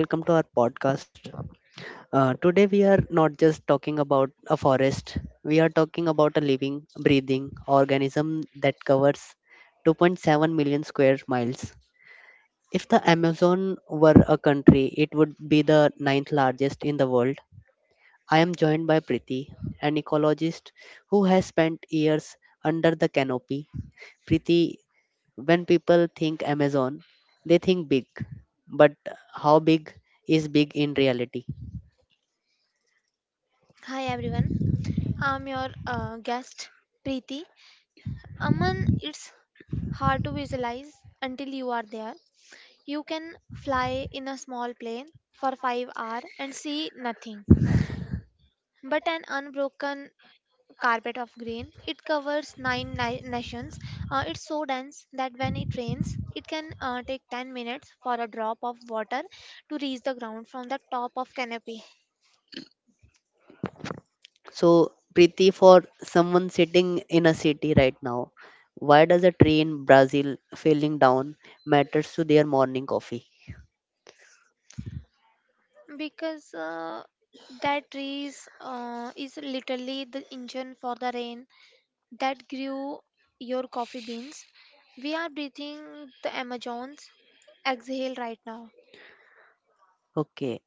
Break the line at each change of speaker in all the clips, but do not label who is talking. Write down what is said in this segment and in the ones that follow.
Welcome to our podcast. Today, we are not just talking about a forest, we are talking about a living, breathing organism that covers 2.7 million square miles. If the Amazon were a country, it would be the ninth largest in the world. I am joined by Priti, an ecologist who has spent years under the canopy. Priti, when people think Amazon, they think big, but how big is big in reality?
Hi everyone, I'm your guest Preeti. Aman, it's hard to visualize until you are there. You can fly in a small plane for 5 hours and see nothing but an unbroken carpet of green. It covers nations. It's so dense that when it rains, it can take 10 minutes for a drop of water to reach the ground from the top of canopy.
So, Priti, for someone sitting in a city right now, why does a tree in Brazil falling down matters to their morning coffee?
Because that trees is literally the engine for the rain that grew your coffee beans. We are breathing the amazons exhale right now.
Okay,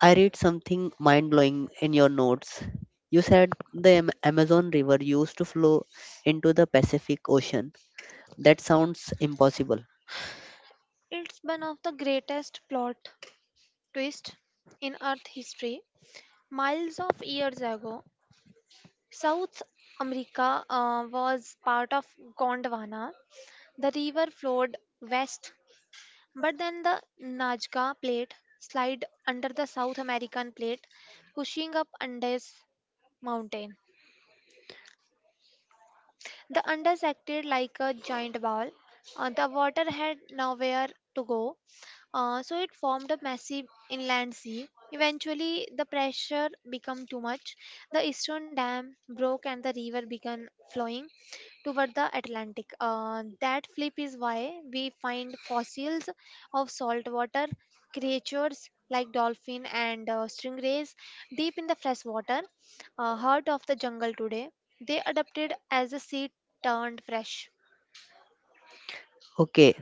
I read something mind blowing in your notes. You said the Amazon River used to flow into the Pacific Ocean. That sounds impossible.
It's one of the greatest plot twists in earth history. Miles of years ago, south america was part of gondwana. The river flowed west. But then the Nazca Plate slid under the South American Plate, pushing up Andes Mountain. The Andes acted like a giant ball. The water had nowhere to go, so it formed a massive inland sea. Eventually, the pressure became too much. The eastern dam broke and the river began flowing toward the Atlantic. That flip is why we find fossils of saltwater creatures like dolphin and stingrays deep in the freshwater heart of the jungle today. They adapted as the sea turned fresh.
Okay,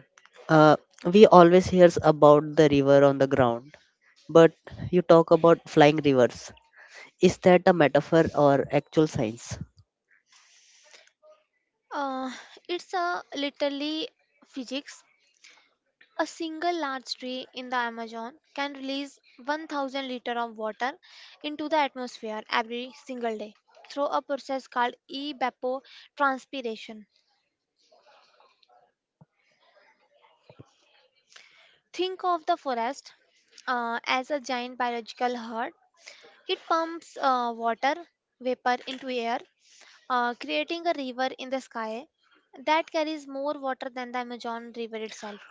uh, we always hears about the river on the ground, but you talk about flying rivers. Is that a metaphor or actual science?
Uh, it's a literally physics. A single large tree in the Amazon can release 1,000 liters of water into the atmosphere every single day through a process called evapotranspiration. Think of the forest as a giant biological herd. It pumps water vapor into air, creating a river in the sky that carries more water than the Amazon River itself.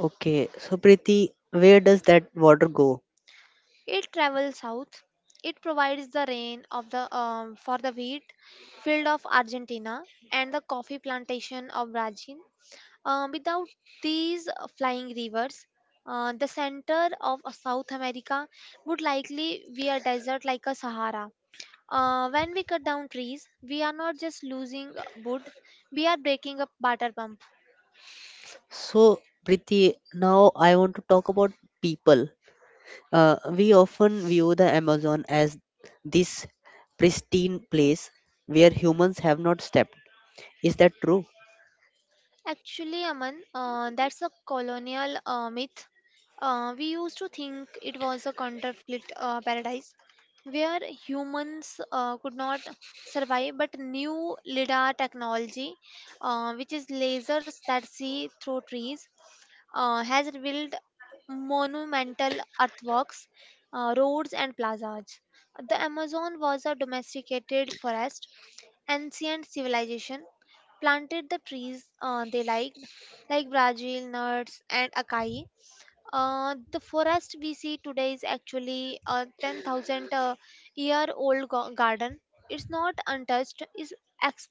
Okay, so Priti, where does that water go?
It travels south. It provides the rain of the for the wheat field of Argentina and the coffee plantation of Brazil. Without these flying rivers, the center of South America would likely be a desert like a Sahara. When we cut down trees, we are not just losing wood; we are breaking up water pump.
So, Priti, now I want to talk about people. We often view the Amazon as this pristine place where humans have not stepped. Is that true?
Actually, Aman, that's a colonial myth. We used to think it was a counterfeit paradise where humans could not survive, but new LIDAR technology, which is lasers that see through trees, has revealed monumental earthworks, roads, and plazas. The Amazon was a domesticated forest. Ancient civilization planted the trees they liked, like Brazil, nuts, and acai. The forest we see today is actually a 10,000 year old garden. It's not untouched, it's ex-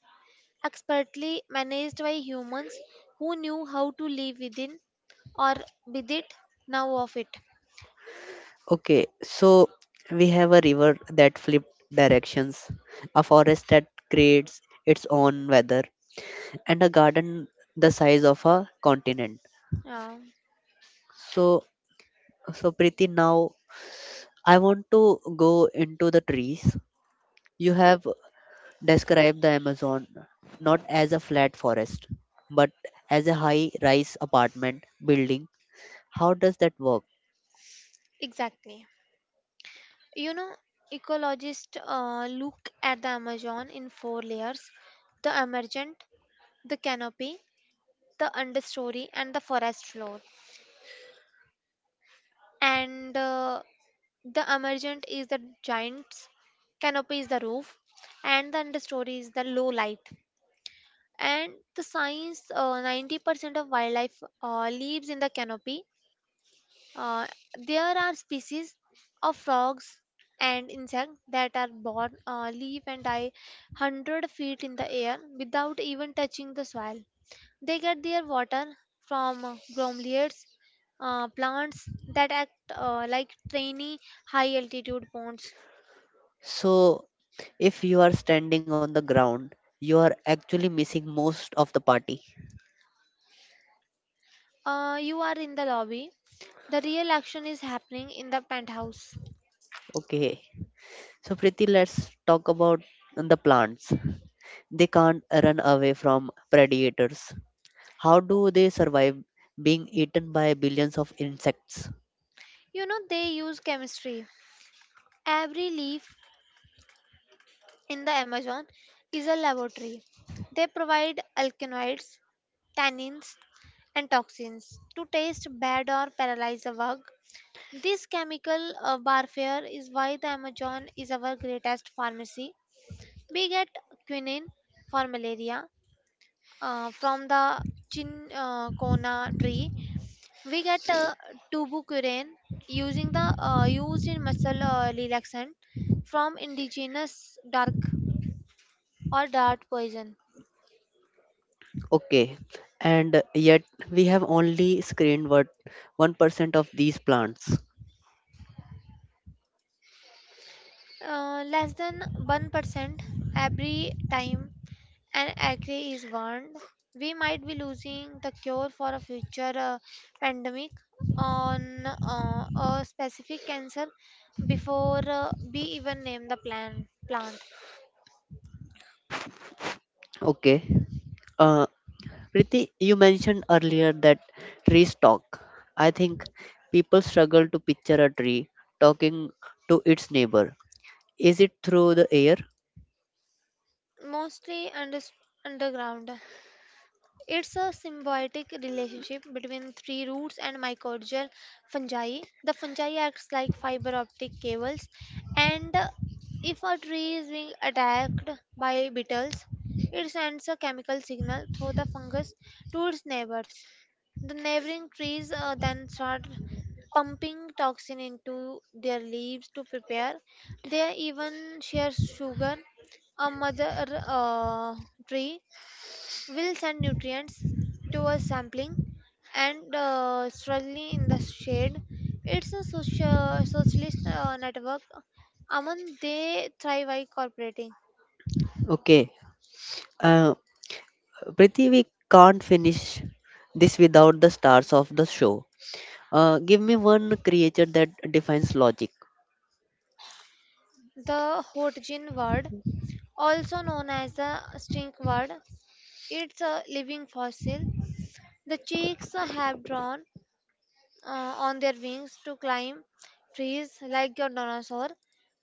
expertly managed by humans who knew how to live within or with it, now of it.
Okay, so we have a river that flips directions, a forest that creates its own weather, and a garden the size of a continent.
Yeah,
So, so Preeti, now I want to go into the trees. You have describe the Amazon not as a flat forest, but as a high rise apartment building. How does that work?
exactly. You know, ecologists look at the Amazon in four layers: the emergent, the canopy, the understory, and the forest floor. And the emergent is the giants, canopy is the roof, and the understory is the low light. And the science 90% of wildlife lives in the canopy. Uh, there are species of frogs and insects that are born, live, and die 100 feet in the air without even touching the soil. They get their water from grommeliads, plants that act like tiny high altitude ponds.
So, if you are standing on the ground, you are actually missing most of the party.
You are in the lobby. The real action is happening in the penthouse.
Okay, so Priti, let's talk about the plants. They can't run away from predators. How do they survive being eaten by billions of insects?
You know, they use chemistry. Every leaf in the Amazon is a laboratory. They provide alkaloids, tannins, and toxins to taste bad or paralyze a bug. This chemical warfare is why the Amazon is our greatest pharmacy. We get quinine for malaria from the chincona tree. We get tubucurin using the used in muscle relaxant from indigenous dark or dart poison.
Okay, and yet we have only screened what 1% of these plants.
Less than 1% every time an acre is warned, we might be losing the cure for a future pandemic on a specific cancer before we even name plant.
Okay. Uh, Priti, you mentioned earlier that trees talk. I think people struggle to picture a tree talking to its neighbor. Is it through the air?
Mostly underground. It's a symbiotic relationship between tree roots and mycorrhizal fungi. The fungi acts like fiber optic cables, and if a tree is being attacked by beetles, it sends a chemical signal through the fungus to its neighbors. The neighboring trees then start pumping toxin into their leaves to prepare. They even share sugar. A mother tree will send nutrients to a sampling and struggling in the shade. It's a socialist network. Among they thrive by cooperating.
Okay. Uh, Priti, we can't finish this without the stars of the show. Give me one creature that defines logic.
The Hotjin word, also known as the stink word, it's a living fossil. The cheeks have drawn on their wings to climb trees like your dinosaur,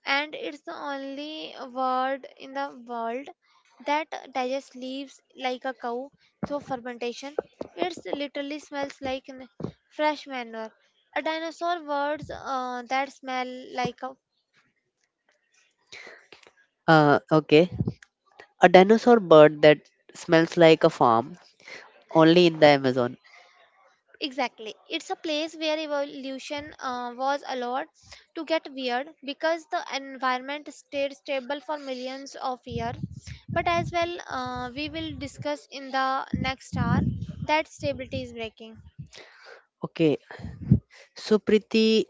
and it's the only bird in the world that digests leaves like a cow through fermentation. It literally smells like fresh manure. A dinosaur words that smell like a.
Okay. A dinosaur bird that smells like a farm, only in the Amazon.
Exactly. It's a place where evolution was allowed to get weird because the environment stayed stable for millions of years. But as well, we will discuss in the next hour that stability is breaking.
Okay, so Priti,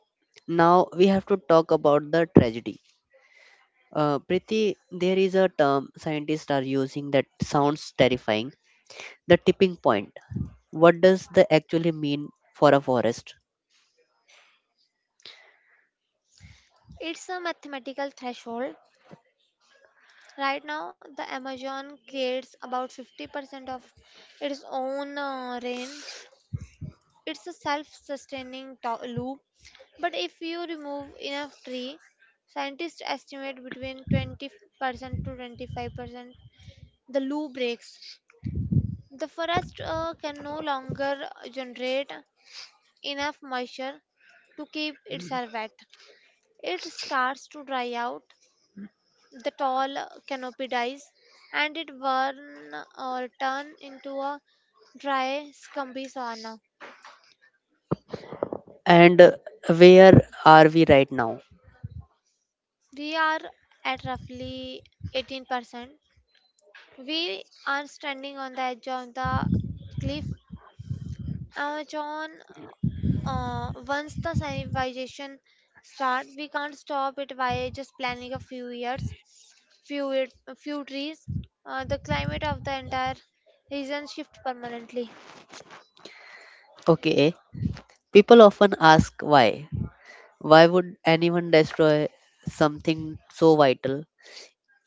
now we have to talk about the tragedy. Priti, there is a term scientists are using that sounds terrifying the tipping point. What does that actually mean for a forest?
It's a mathematical threshold. Right now, the Amazon creates about 50% of its own rain. It's a self-sustaining loop. But if you remove enough tree, scientists estimate between 20% to 25% the loop breaks. The forest can no longer generate enough moisture to keep itself wet. It starts to dry out, the tall canopy dies, and it burn or turn into a dry, scumpy savanna.
And where are we right now?
We are at roughly 18%. We are standing on the edge of the cliff. Amazon, once the civilization start, we can't stop it by just planning a few years, few it- few trees. The climate of the entire region shift permanently.
Okay, people often ask why. Why would anyone destroy something so vital?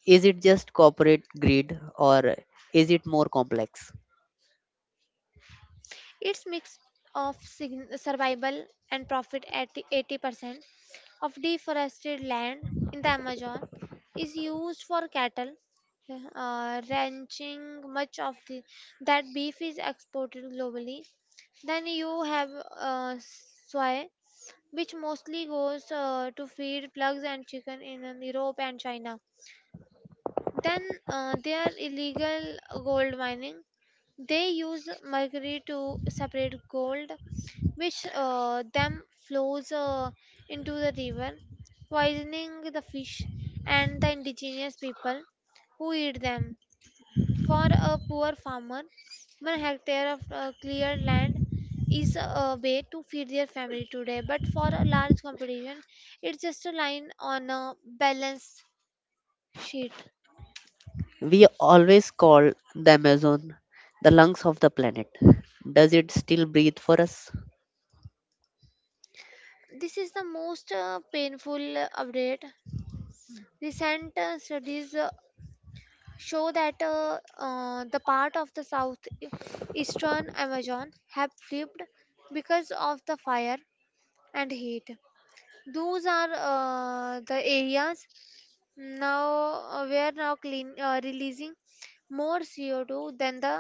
Is it just corporate greed or is it more complex?
It's mix of survival and profit at 80% of deforested land in the Amazon is used for cattle ranching. Much of that beef is exported globally. Then you have soy, which mostly goes to feed pigs and chicken in Europe and China. Then there illegal gold mining. They use mercury to separate gold which then flows into the river, poisoning the fish and the indigenous people who eat them. For a poor farmer, one hectare of cleared land is a way to feed their family today, but for a large competition, it's just a line on a balance sheet.
We always call the Amazon the lungs of the planet. Does it still breathe for us?
This is the most painful update. Recent studies show that the part of the eastern Amazon have flipped because of the fire and heat. Those are the areas now where now clean releasing more CO2 than the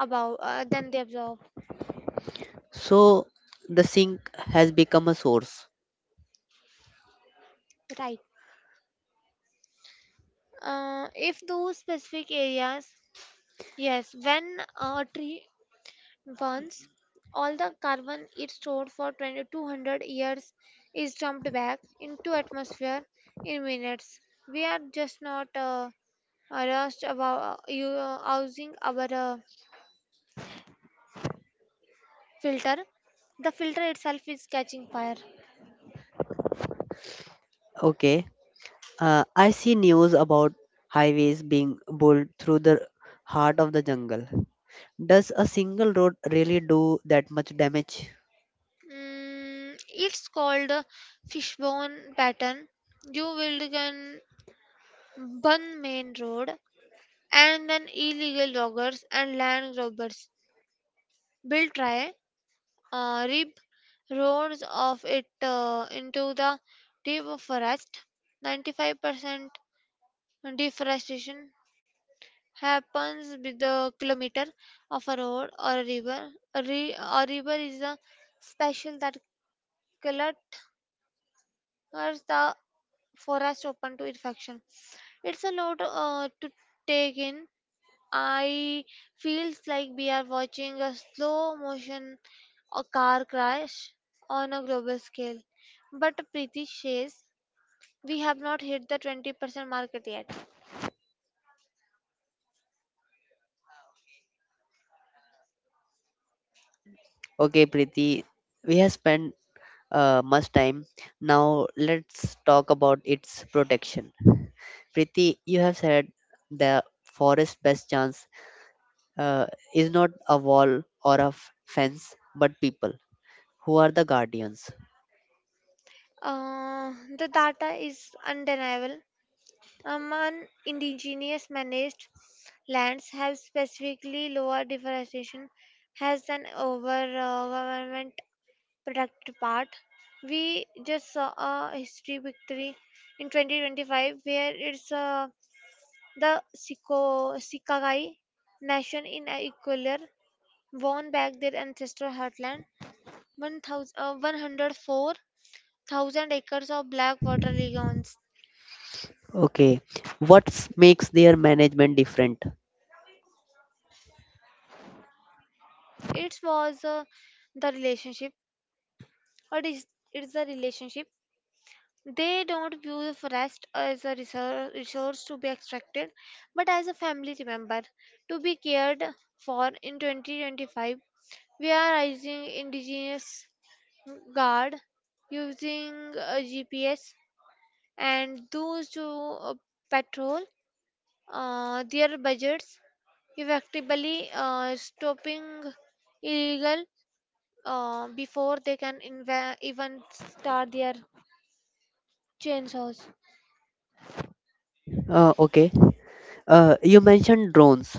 above than they absorb.
So the sink has become a source.
Right. If those specific areas, yes, when a tree. Once all the carbon it stored for 20 200 years is dumped back into atmosphere in minutes. We are just not rushed about using our filter. The filter itself is catching fire.
Okay. I see news about highways being built through the heart of the jungle. Does a single road really do that much damage?
Mm, it's called a fishbone pattern. You will can one main road and then illegal loggers and land robbers will try rip roars of it into the deep forest. 95% deforestation happens with the kilometer of a road or a river. A river is a special that clutters the forest open to infection. It's a lot to take in. I feels like we are watching a slow motion a car crash on a global scale. But Preeti says we have not hit the 20% market yet.
Okay, Preeti, we have spent much time. Now let's talk about its protection. Preeti, you have said the forest best chance uh, is not a wall or a fence, but people who are the guardians.
The data is undeniable. Among indigenous managed lands have specifically lower deforestation has an over uh, product part. We just saw a history victory in 2025 where it's the Sikagai nation in Ecuador won back their ancestral heartland, 1,000 104,000 acres of black water regions.
Okay, what makes their management different?
It was the relationship, or it is the relationship. They don't view the forest as a resource to be extracted, but as a family remember to be cared for. In 2025, we are raising indigenous guard using GPS and those who uh, patrol their budgets effectively stopping illegal before they can even start their chainsaws.
Okay, you mentioned drones.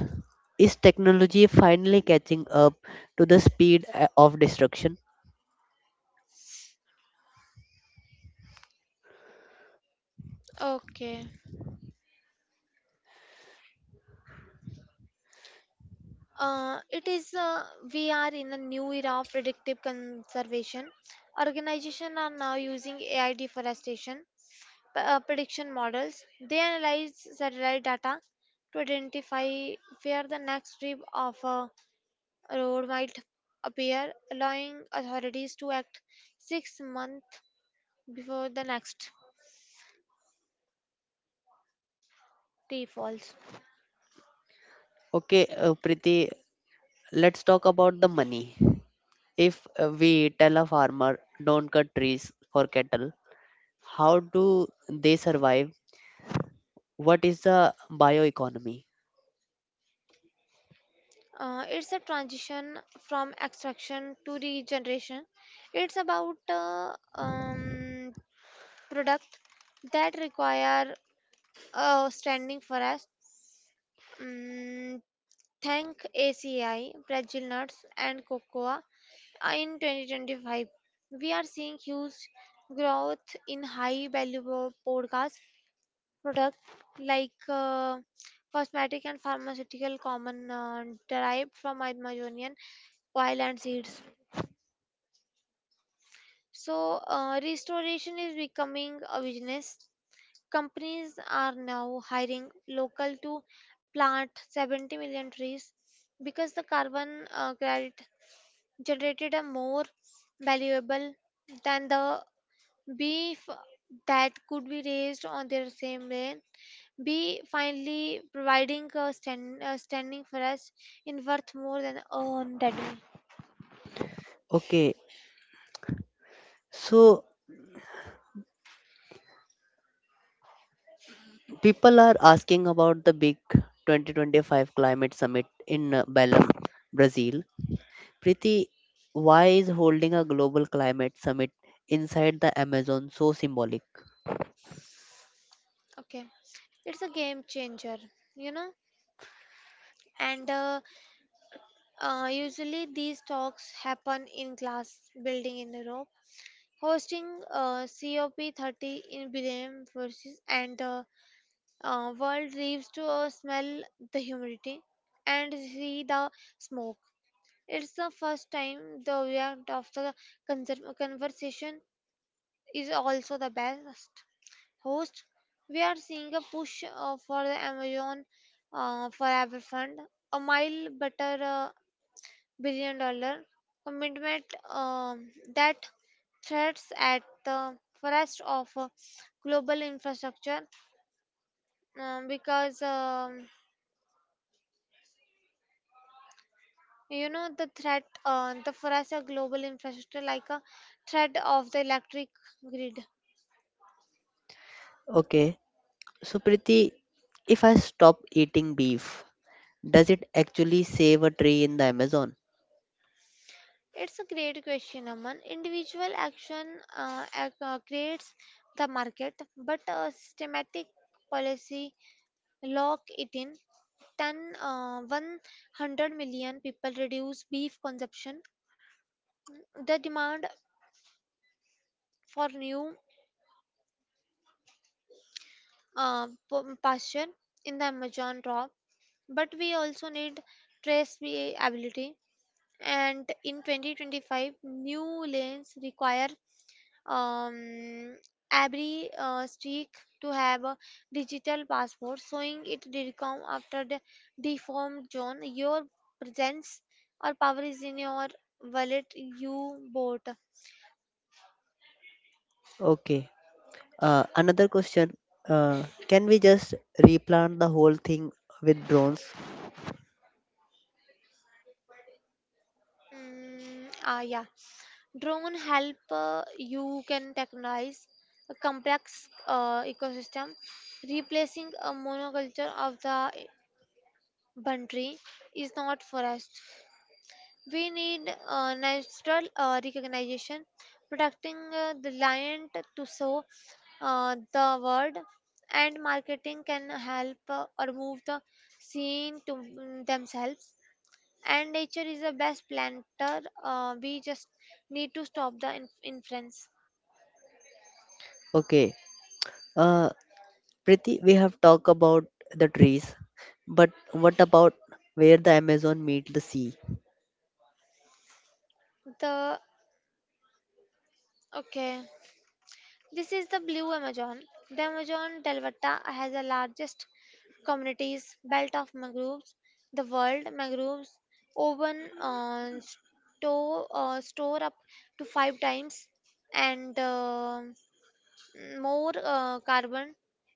Is technology finally catching up to the speed of destruction?
Okay. It is we are in a new era of predictive conservation. Organizations are now using AI deforestation prediction models. They analyze satellite data to identify where the next strip of a road might appear, allowing authorities to act 6 months before the next tree falls.
Okay, Preeti, let's talk about the money. If we tell a farmer, don't cut trees for cattle, how do they survive? What is the bioeconomy?
It's a transition from extraction to regeneration. It's about um, product that require standing for us. Mm, thank ACI, Brazil nuts, and cocoa. In 2025, we are seeing huge growth in high value podcast products like cosmetic and pharmaceutical common derived from Amazonian oil and seeds. So, restoration is becoming a business. Companies are now hiring local to plant 70 million trees because the carbon credit generated are more valuable than the beef that could be raised on their same land. B finally providing a standing for us in worth more than earned that way.
Okay, so people are asking about the big 2025 climate summit in Belém, Brazil. Preeti, why is holding a global climate summit inside the Amazon so symbolic?
Okay, it's a game changer, you know. And usually, these talks happen in glass building in Europe. Hosting COP30 in Belém versus and the world leaves to smell the humidity and see the smoke. It's the first time the react of the conversation is also the best host. We are seeing a push for the Amazon Forever Fund, a mile better. Billion dollar commitment um, that threats at the forest of global infrastructure because you know the threat the forest of global infrastructure like a threat of the electric grid.
Okay, so Preeti, if I stop eating beef, does it actually save a tree in the Amazon?
It's a great question, Aman. Individual action creates the market but a systematic policy lock it in 10 100 million people reduce beef consumption, the demand for new pasture in the Amazon drop. But we also need traceability, and in 2025 new lanes require um, every streak to have a digital passport showing it decom after the deformed zone. Your presence or power is in your wallet you bought.
Okay. Another question. Can we just replant the whole thing with drones?
Mm, ah, yeah. Drone help, you can technologize a complex ecosystem. Replacing a monoculture of the country is not forest. We need natural recognition, protecting the lion to sow the word, and marketing can help or move the scene to themselves. And nature is the best planter. We just need to stop the inference.
Okay. Uh, Priti, we have talked about the trees, but what about where the Amazon meet the sea?
The Okay. This is the Blue Amazon. The Amazon delvata has the largest communities belt of mangroves the world. Mangroves oven store up to five times and more carbon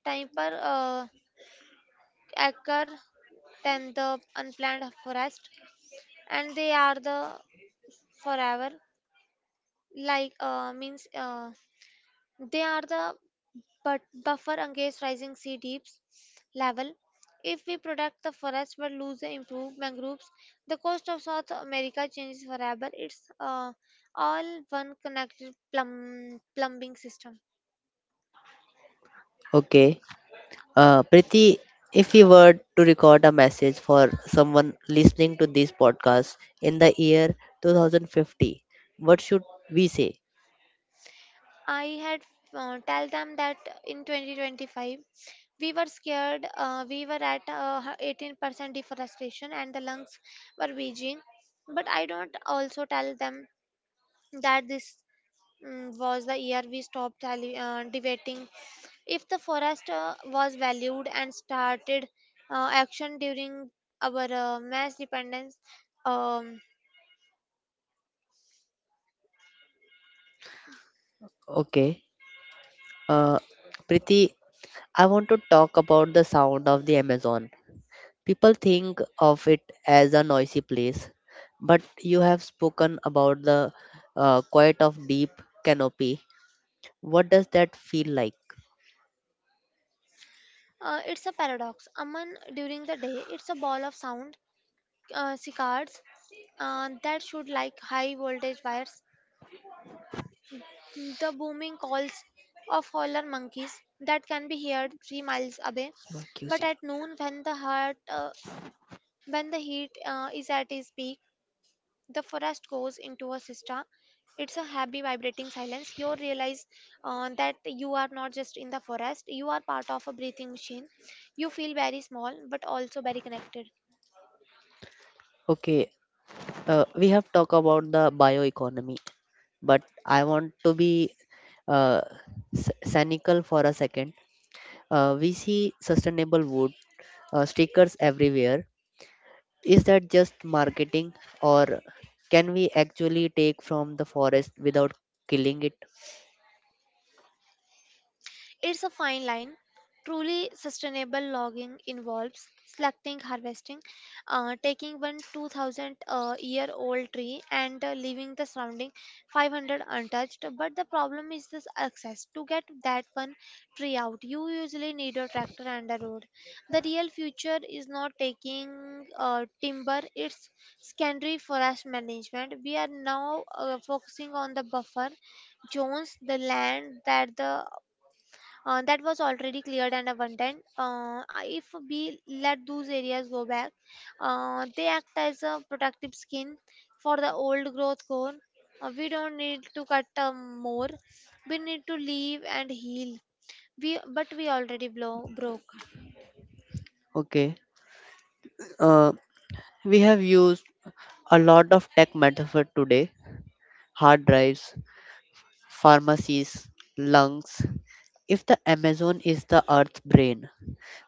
time per acre than the unplanned forest, and they are the forever like means, they are the but buffer against rising sea deeps level. If we protect the forests but lose the improved mangroves, the coast of South America changes forever. It's all one connected plumbing system.
Okay. Priti, if we were to record a message for someone listening to this podcast in the year 2050, what should we say?
I had tell them that in 2025 we were scared. We were at 18% deforestation and the lungs were waging. But I don't also tell them that this was the year we stopped tally, debating if the forest was valued and started action during our mass dependence. Um,
Okay. Uh, Priti, I want to talk about the sound of the Amazon. People think of it as a noisy place, but you have spoken about the quiet of deep canopy. What does that feel like?
it's a paradox. Aman, during the day, it's a ball of sound, cicadas that should like high voltage wires, the booming calls of howler monkeys that can be heard 3 miles away. But
QC.
at noon, when the heat is at its peak, the forest goes into a siesta. It's a happy, vibrating silence. You realize that you are not just in the forest, you are part of a breathing machine. You feel very small, but also very connected.
Okay, we have talked about the bioeconomy, but I want to be uh, cynical for a second. We see sustainable wood stickers everywhere. Is that just marketing, or can we actually take from the forest without killing it?
It's a fine line. Truly sustainable logging involves selecting, harvesting, taking one 2000 year old tree and leaving the surrounding 500 untouched. But the problem is this access. To get that one tree out, you usually need a tractor and a road. The real future is not taking timber, it's secondary forest management. We are now focusing on the buffer zones, the land that was already cleared and abundant. If we let those areas go back, they act as a protective skin for the old growth cone. We don't need to cut more. We need to leave and heal. We But we already broke.
Okay, uh, we have used a lot of tech metaphor today: hard drives, pharmacies, lungs. If the Amazon is the Earth's brain,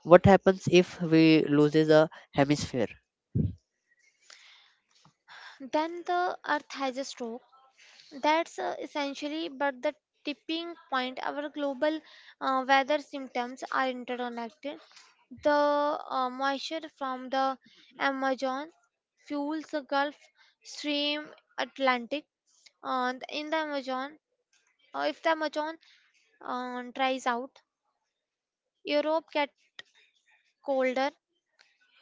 what happens if we loses a hemisphere?
Then the earth has a stroke. That's essentially, but the tipping point, our global weather symptoms are interconnected. The moisture from the Amazon fuels the Gulf Stream Atlantic. And in the Amazon, If the Amazon dries out, Europe gets colder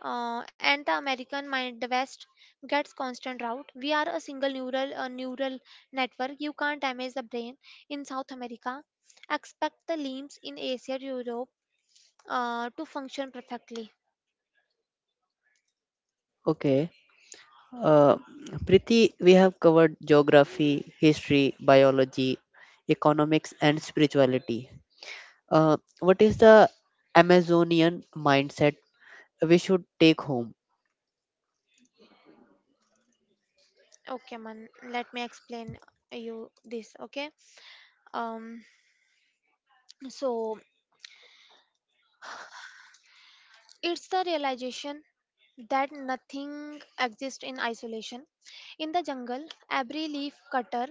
and the American mind, the West gets constant drought. We are a single neural network. You can't damage the brain in South America. Expect the limbs in Asia, Europe to function perfectly.
Okay. Uh, Priti, we have covered geography, history, biology, economics, and spirituality. What is the Amazonian mindset we should take home?
Okay, man. Let me explain you this. Okay. Um. So it's the realization that nothing exists in isolation. In the jungle, every leaf cutter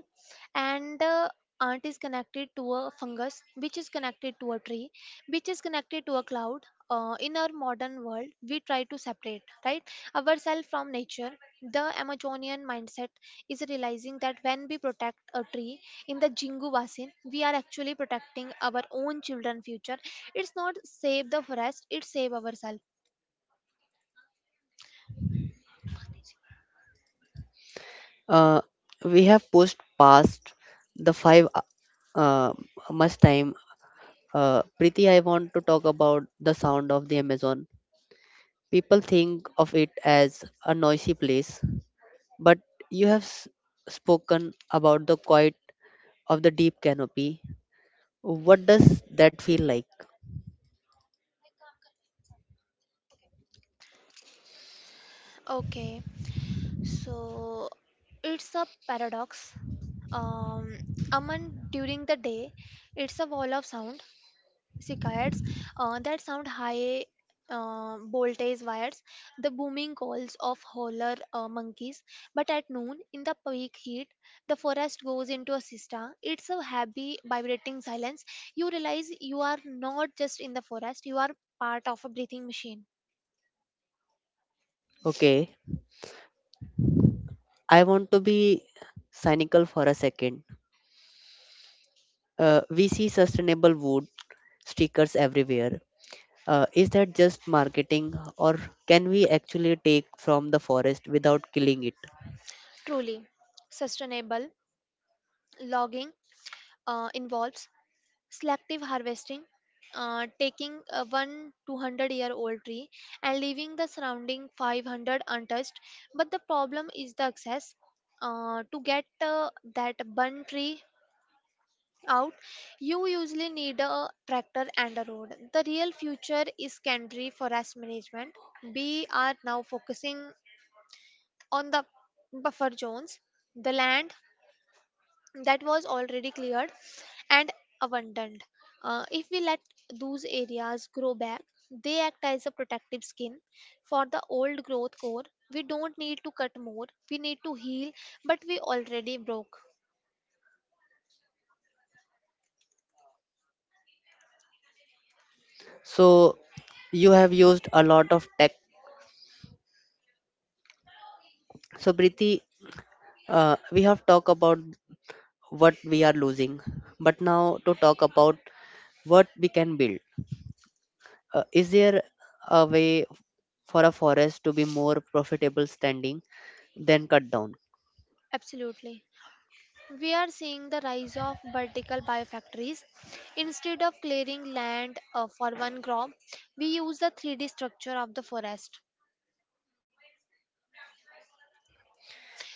and ant is connected to a fungus, which is connected to a tree, which is connected to a cloud. In our modern world, we try to separate, right, ourselves from nature. The Amazonian mindset is realizing that when we protect a tree in the Jingu Basin, we are actually protecting our own children' future. It's not save the forest; it's save ourselves.
Uh, we have pushed past the five uh, much time. Preeti, I want to talk about the sound of the Amazon. People think of it as a noisy place, but you have spoken about the quiet of the deep canopy. What does that feel like?
Okay, so it's a paradox. Um, Aman, during the day, it's a wall of sound, cicadas, that sound high voltage wires, the booming calls of howler monkeys. But at noon, in the peak heat, the forest goes into a siesta. It's a heavy, vibrating silence. You realize you are not just in the forest, you are part of a breathing machine.
Okay, I want to be cynical for a second. We see sustainable wood stickers everywhere. Is that just marketing, or can we actually take from the forest without killing it?
Truly sustainable logging involves selective harvesting, taking a 1,200 year old tree and leaving the surrounding 500 untouched. But the problem is the access. To get that bun tree out, you usually need a tractor and a road. The real future is secondary forest management. We are now focusing on the buffer zones, the land that was already cleared and abundant. If we let those areas grow back, they act as a protective skin for the old growth core. We don't need to cut more, we need to heal, but we already broke.
So, you have used a lot of tech. So, Priti, we have talked about what we are losing, but now to talk about what we can build. Is there a way for a forest to be more profitable standing than cut down?
Absolutely. We are seeing the rise of vertical biofactories. Instead of clearing land for one crop, we use the 3D structure of the forest.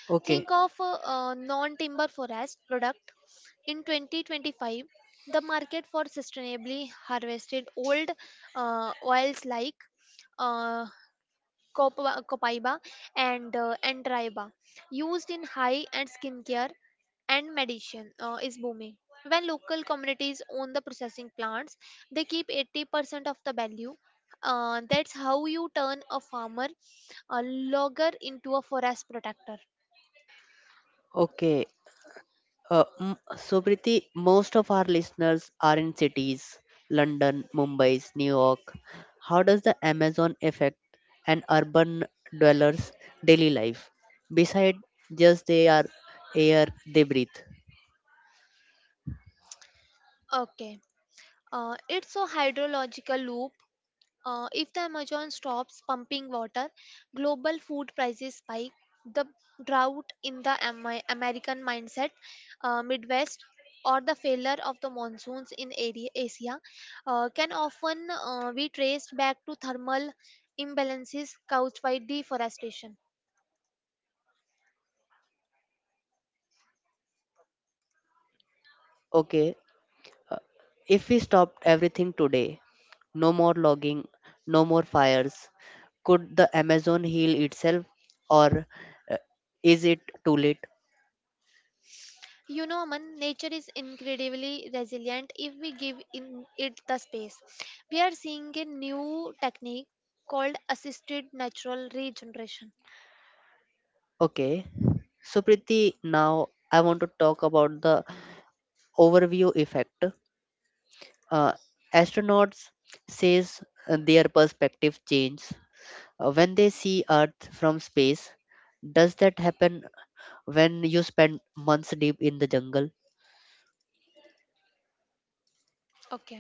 Okay,
Think of a non-timber forest product. In 2025, the market for sustainably harvested old oils like uh, copaiba and antraiba used in high and skincare and medicine is booming. When local communities own the processing plants, they keep 80% of the value. That's how you turn a farmer, a logger, into a forest protector.
okay. So, Priti, most of our listeners are in cities: London, Mumbai, New York. How does the Amazon affect an urban dweller's daily life? Beside just they are air they breathe.
Okay. It's a hydrological loop. If the Amazon stops pumping water, global food prices spike. The drought in the American mindset, Midwest, or the failure of the monsoons in area, Asia can often be traced back to thermal imbalances caused by deforestation.
Okay, if we stopped everything today, no more logging, no more fires, could the Amazon heal itself or uh, is it too late?
You know, man, nature is incredibly resilient if we give in it the space. We are seeing a new technique called assisted natural regeneration.
Okay, so Priti, now I want to talk about the overview effect. Uh, Astronauts says their perspective changes when they see Earth from space. Does that happen when you spend months deep in the jungle?
Okay.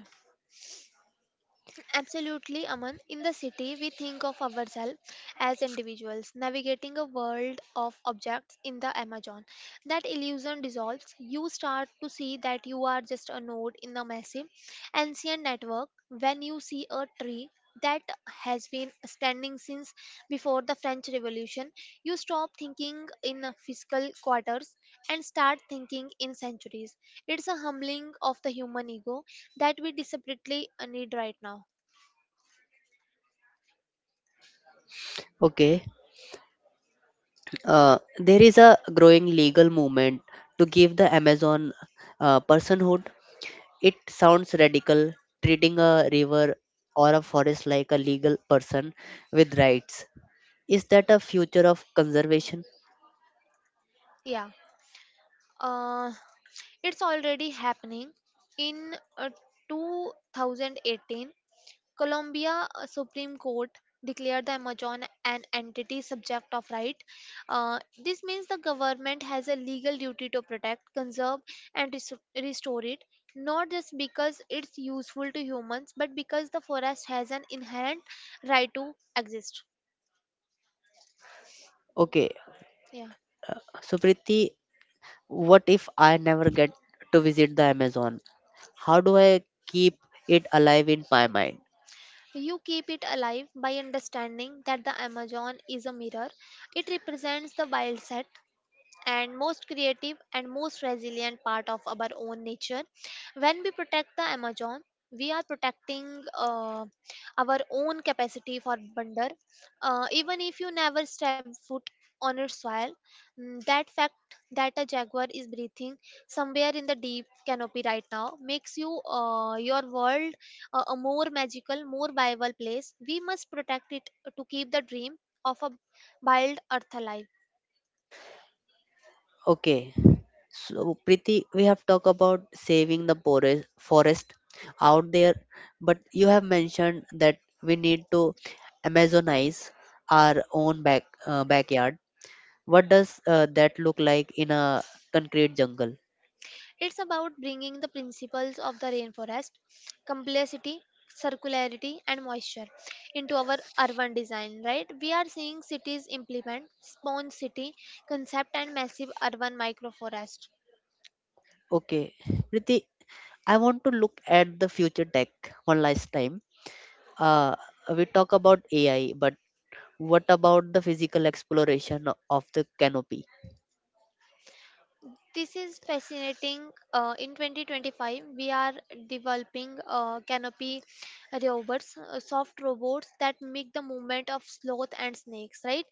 Absolutely, Aman. In the city, we think of ourselves as individuals navigating a world of objects in the Amazon. That illusion dissolves. You start to see that you are just a node in a massive, ancient network. When you see a tree that has been standing since before the French Revolution, you stop thinking in fiscal quarters and start thinking in centuries. It's a humbling of the human ego that we desperately need right now.
Okay, there is a growing legal movement to give the Amazon personhood. It sounds radical, treating a river or a forest like a legal person with rights. Is that a future of conservation?
Yeah, uh, it's already happening. In 2018, Colombia Supreme Court declared the Amazon an entity subject of right. This means the government has a legal duty to protect, conserve, and restore it, not just because it's useful to humans, but because the forest has an inherent right to exist.
Okay,
Yeah.
Supriti, what if I never get to visit the Amazon? How do I keep it alive in my mind?
You keep it alive by understanding that the Amazon is a mirror. It represents the wild set, and most creative and most resilient part of our own nature. When we protect the Amazon, we are protecting our own capacity for wonder. Even if you never step foot on its soil, that fact that a jaguar is breathing somewhere in the deep canopy right now makes your world a more magical, more viable place. We must protect it to keep the dream of a wild earth alive.
Okay, so Priti, we have talked about saving the forest out there, but you have mentioned that we need to Amazonize our own backyard. What does that look like in a concrete jungle?
It's about bringing the principles of the rainforest, complexity, circularity, and moisture into our urban design, right? We are seeing cities implement sponge city concept and massive urban microforest.
Okay, Priti, I want to look at the future tech one last time. Uh, we talk about AI, but what about the physical exploration of the canopy?
This is fascinating. In 2025, we are developing canopy robots, soft robots that make the movement of sloth and snakes, right?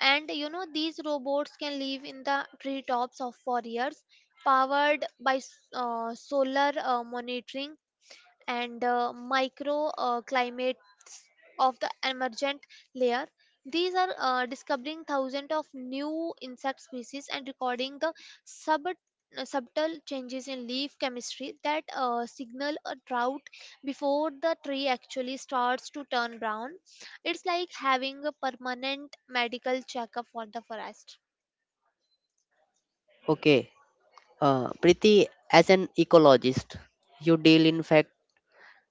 And these robots can live in the treetops of for years, powered by solar monitoring and micro climates of the emergent layer. These are discovering thousands of new insect species and recording the subtle changes in leaf chemistry that signal a drought before the tree actually starts to turn brown. It's like having a permanent medical checkup for the forest.
Okay, Priti, as an ecologist, you deal in fact,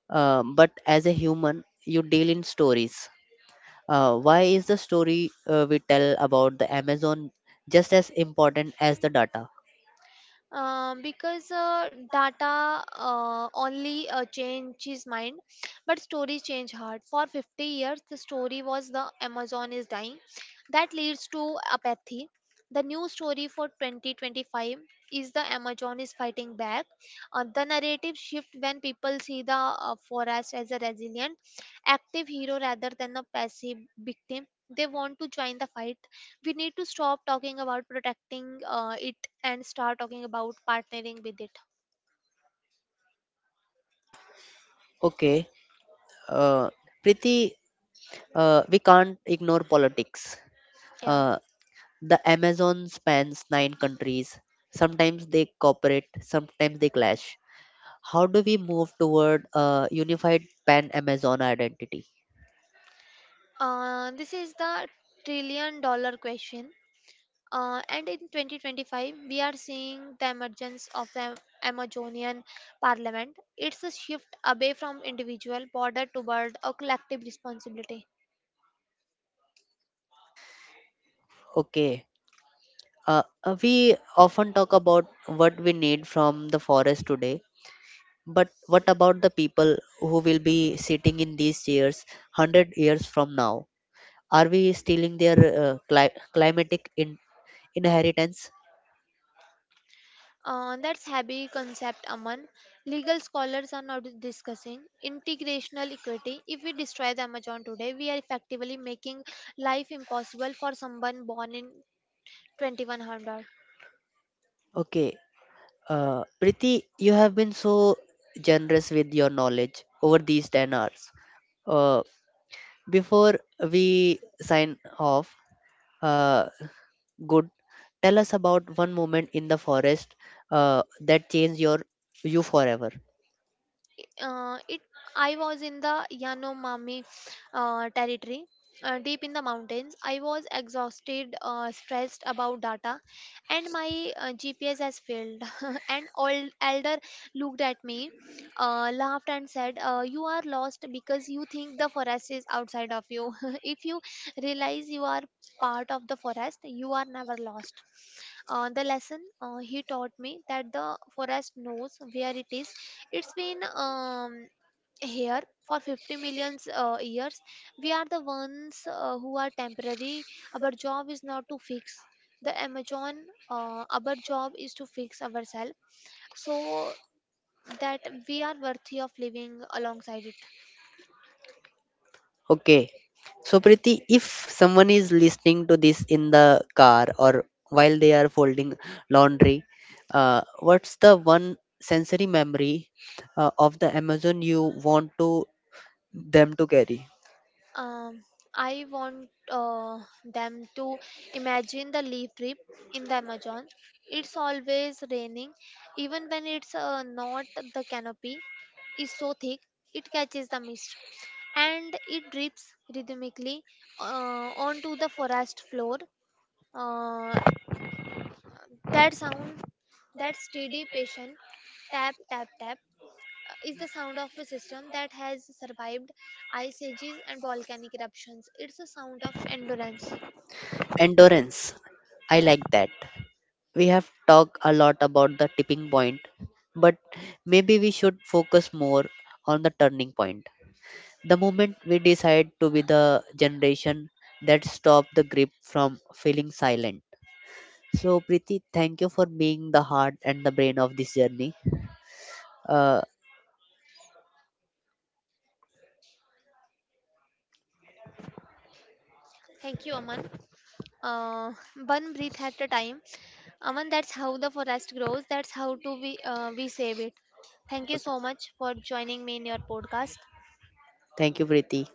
but as a human, you deal in stories. Why is the story we tell about the Amazon just as important as the data?
Because data only changes mind, but stories change heart. For 50 years the story was the Amazon is dying, that leads to apathy. The new story for 2025 is the Amazon is fighting back. The narrative shift: when people see the forest as a resilient active hero rather than a passive victim, they want to join the fight. We need to stop talking about protecting it and start talking about partnering with it.
Okay, uh, Priti, uh, we can't ignore politics.
Yeah.
Uh, The Amazon spans nine countries. Sometimes they cooperate, sometimes they clash. How do we move toward a unified pan Amazon identity?
This is the trillion dollar question, and in 2025 we are seeing the emergence of the Amazonian parliament. It's a shift away from individual border toward a collective responsibility.
Okay. We often talk about what we need from the forest today, but what about the people who will be sitting in these chairs 100 years from now? Are we stealing their climatic inheritance?
That's heavy concept, Aman. Legal scholars are now discussing integrational equity. If we destroy the Amazon today, we are effectively making life impossible for someone born in 2100.
Okay. Priti, you have been so generous with your knowledge over these 10 hours. Uh, before we sign off, uh, good, tell us about one moment in the forest that changed your you forever.
It I was in the Yanomami territory, deep in the mountains. I was exhausted, stressed about data, and my GPS has failed. An old elder looked at me, laughed, and said, "You are lost because you think the forest is outside of you. If you realize you are part of the forest, you are never lost." The lesson he taught me that the forest knows where it is. It's been here for 50 million years. We are the ones who are temporary. Our job is not to fix the Amazon. Our job is to fix ourselves so that we are worthy of living alongside it.
Okay. So, Priti, if someone is listening to this in the car or while they are folding laundry, what's the one sensory memory of the Amazon you want to them to carry.
Um, I want them to imagine the leaf trip in the Amazon. It's always raining, even when it's not. The canopy is so thick it catches the mist, and it drips rhythmically onto the forest floor. Uh, that sound, that steady, patient tap tap tap is the sound of a system that has survived ice ages and volcanic eruptions. It's a sound of endurance.
Endurance. I
Yeah.
like that. We have talked a lot about the tipping point, but maybe we should focus more on the turning point. The moment we decide to be the generation that stop the grip from feeling silent. So, Preeti, thank you for being the heart and the brain of this journey. Uh,
Thank you, Aman. Uh, One breath at a time. Aman, that's how the forest grows. That's how to we save it. Thank you so much for joining me in your podcast.
thank you, Preeti.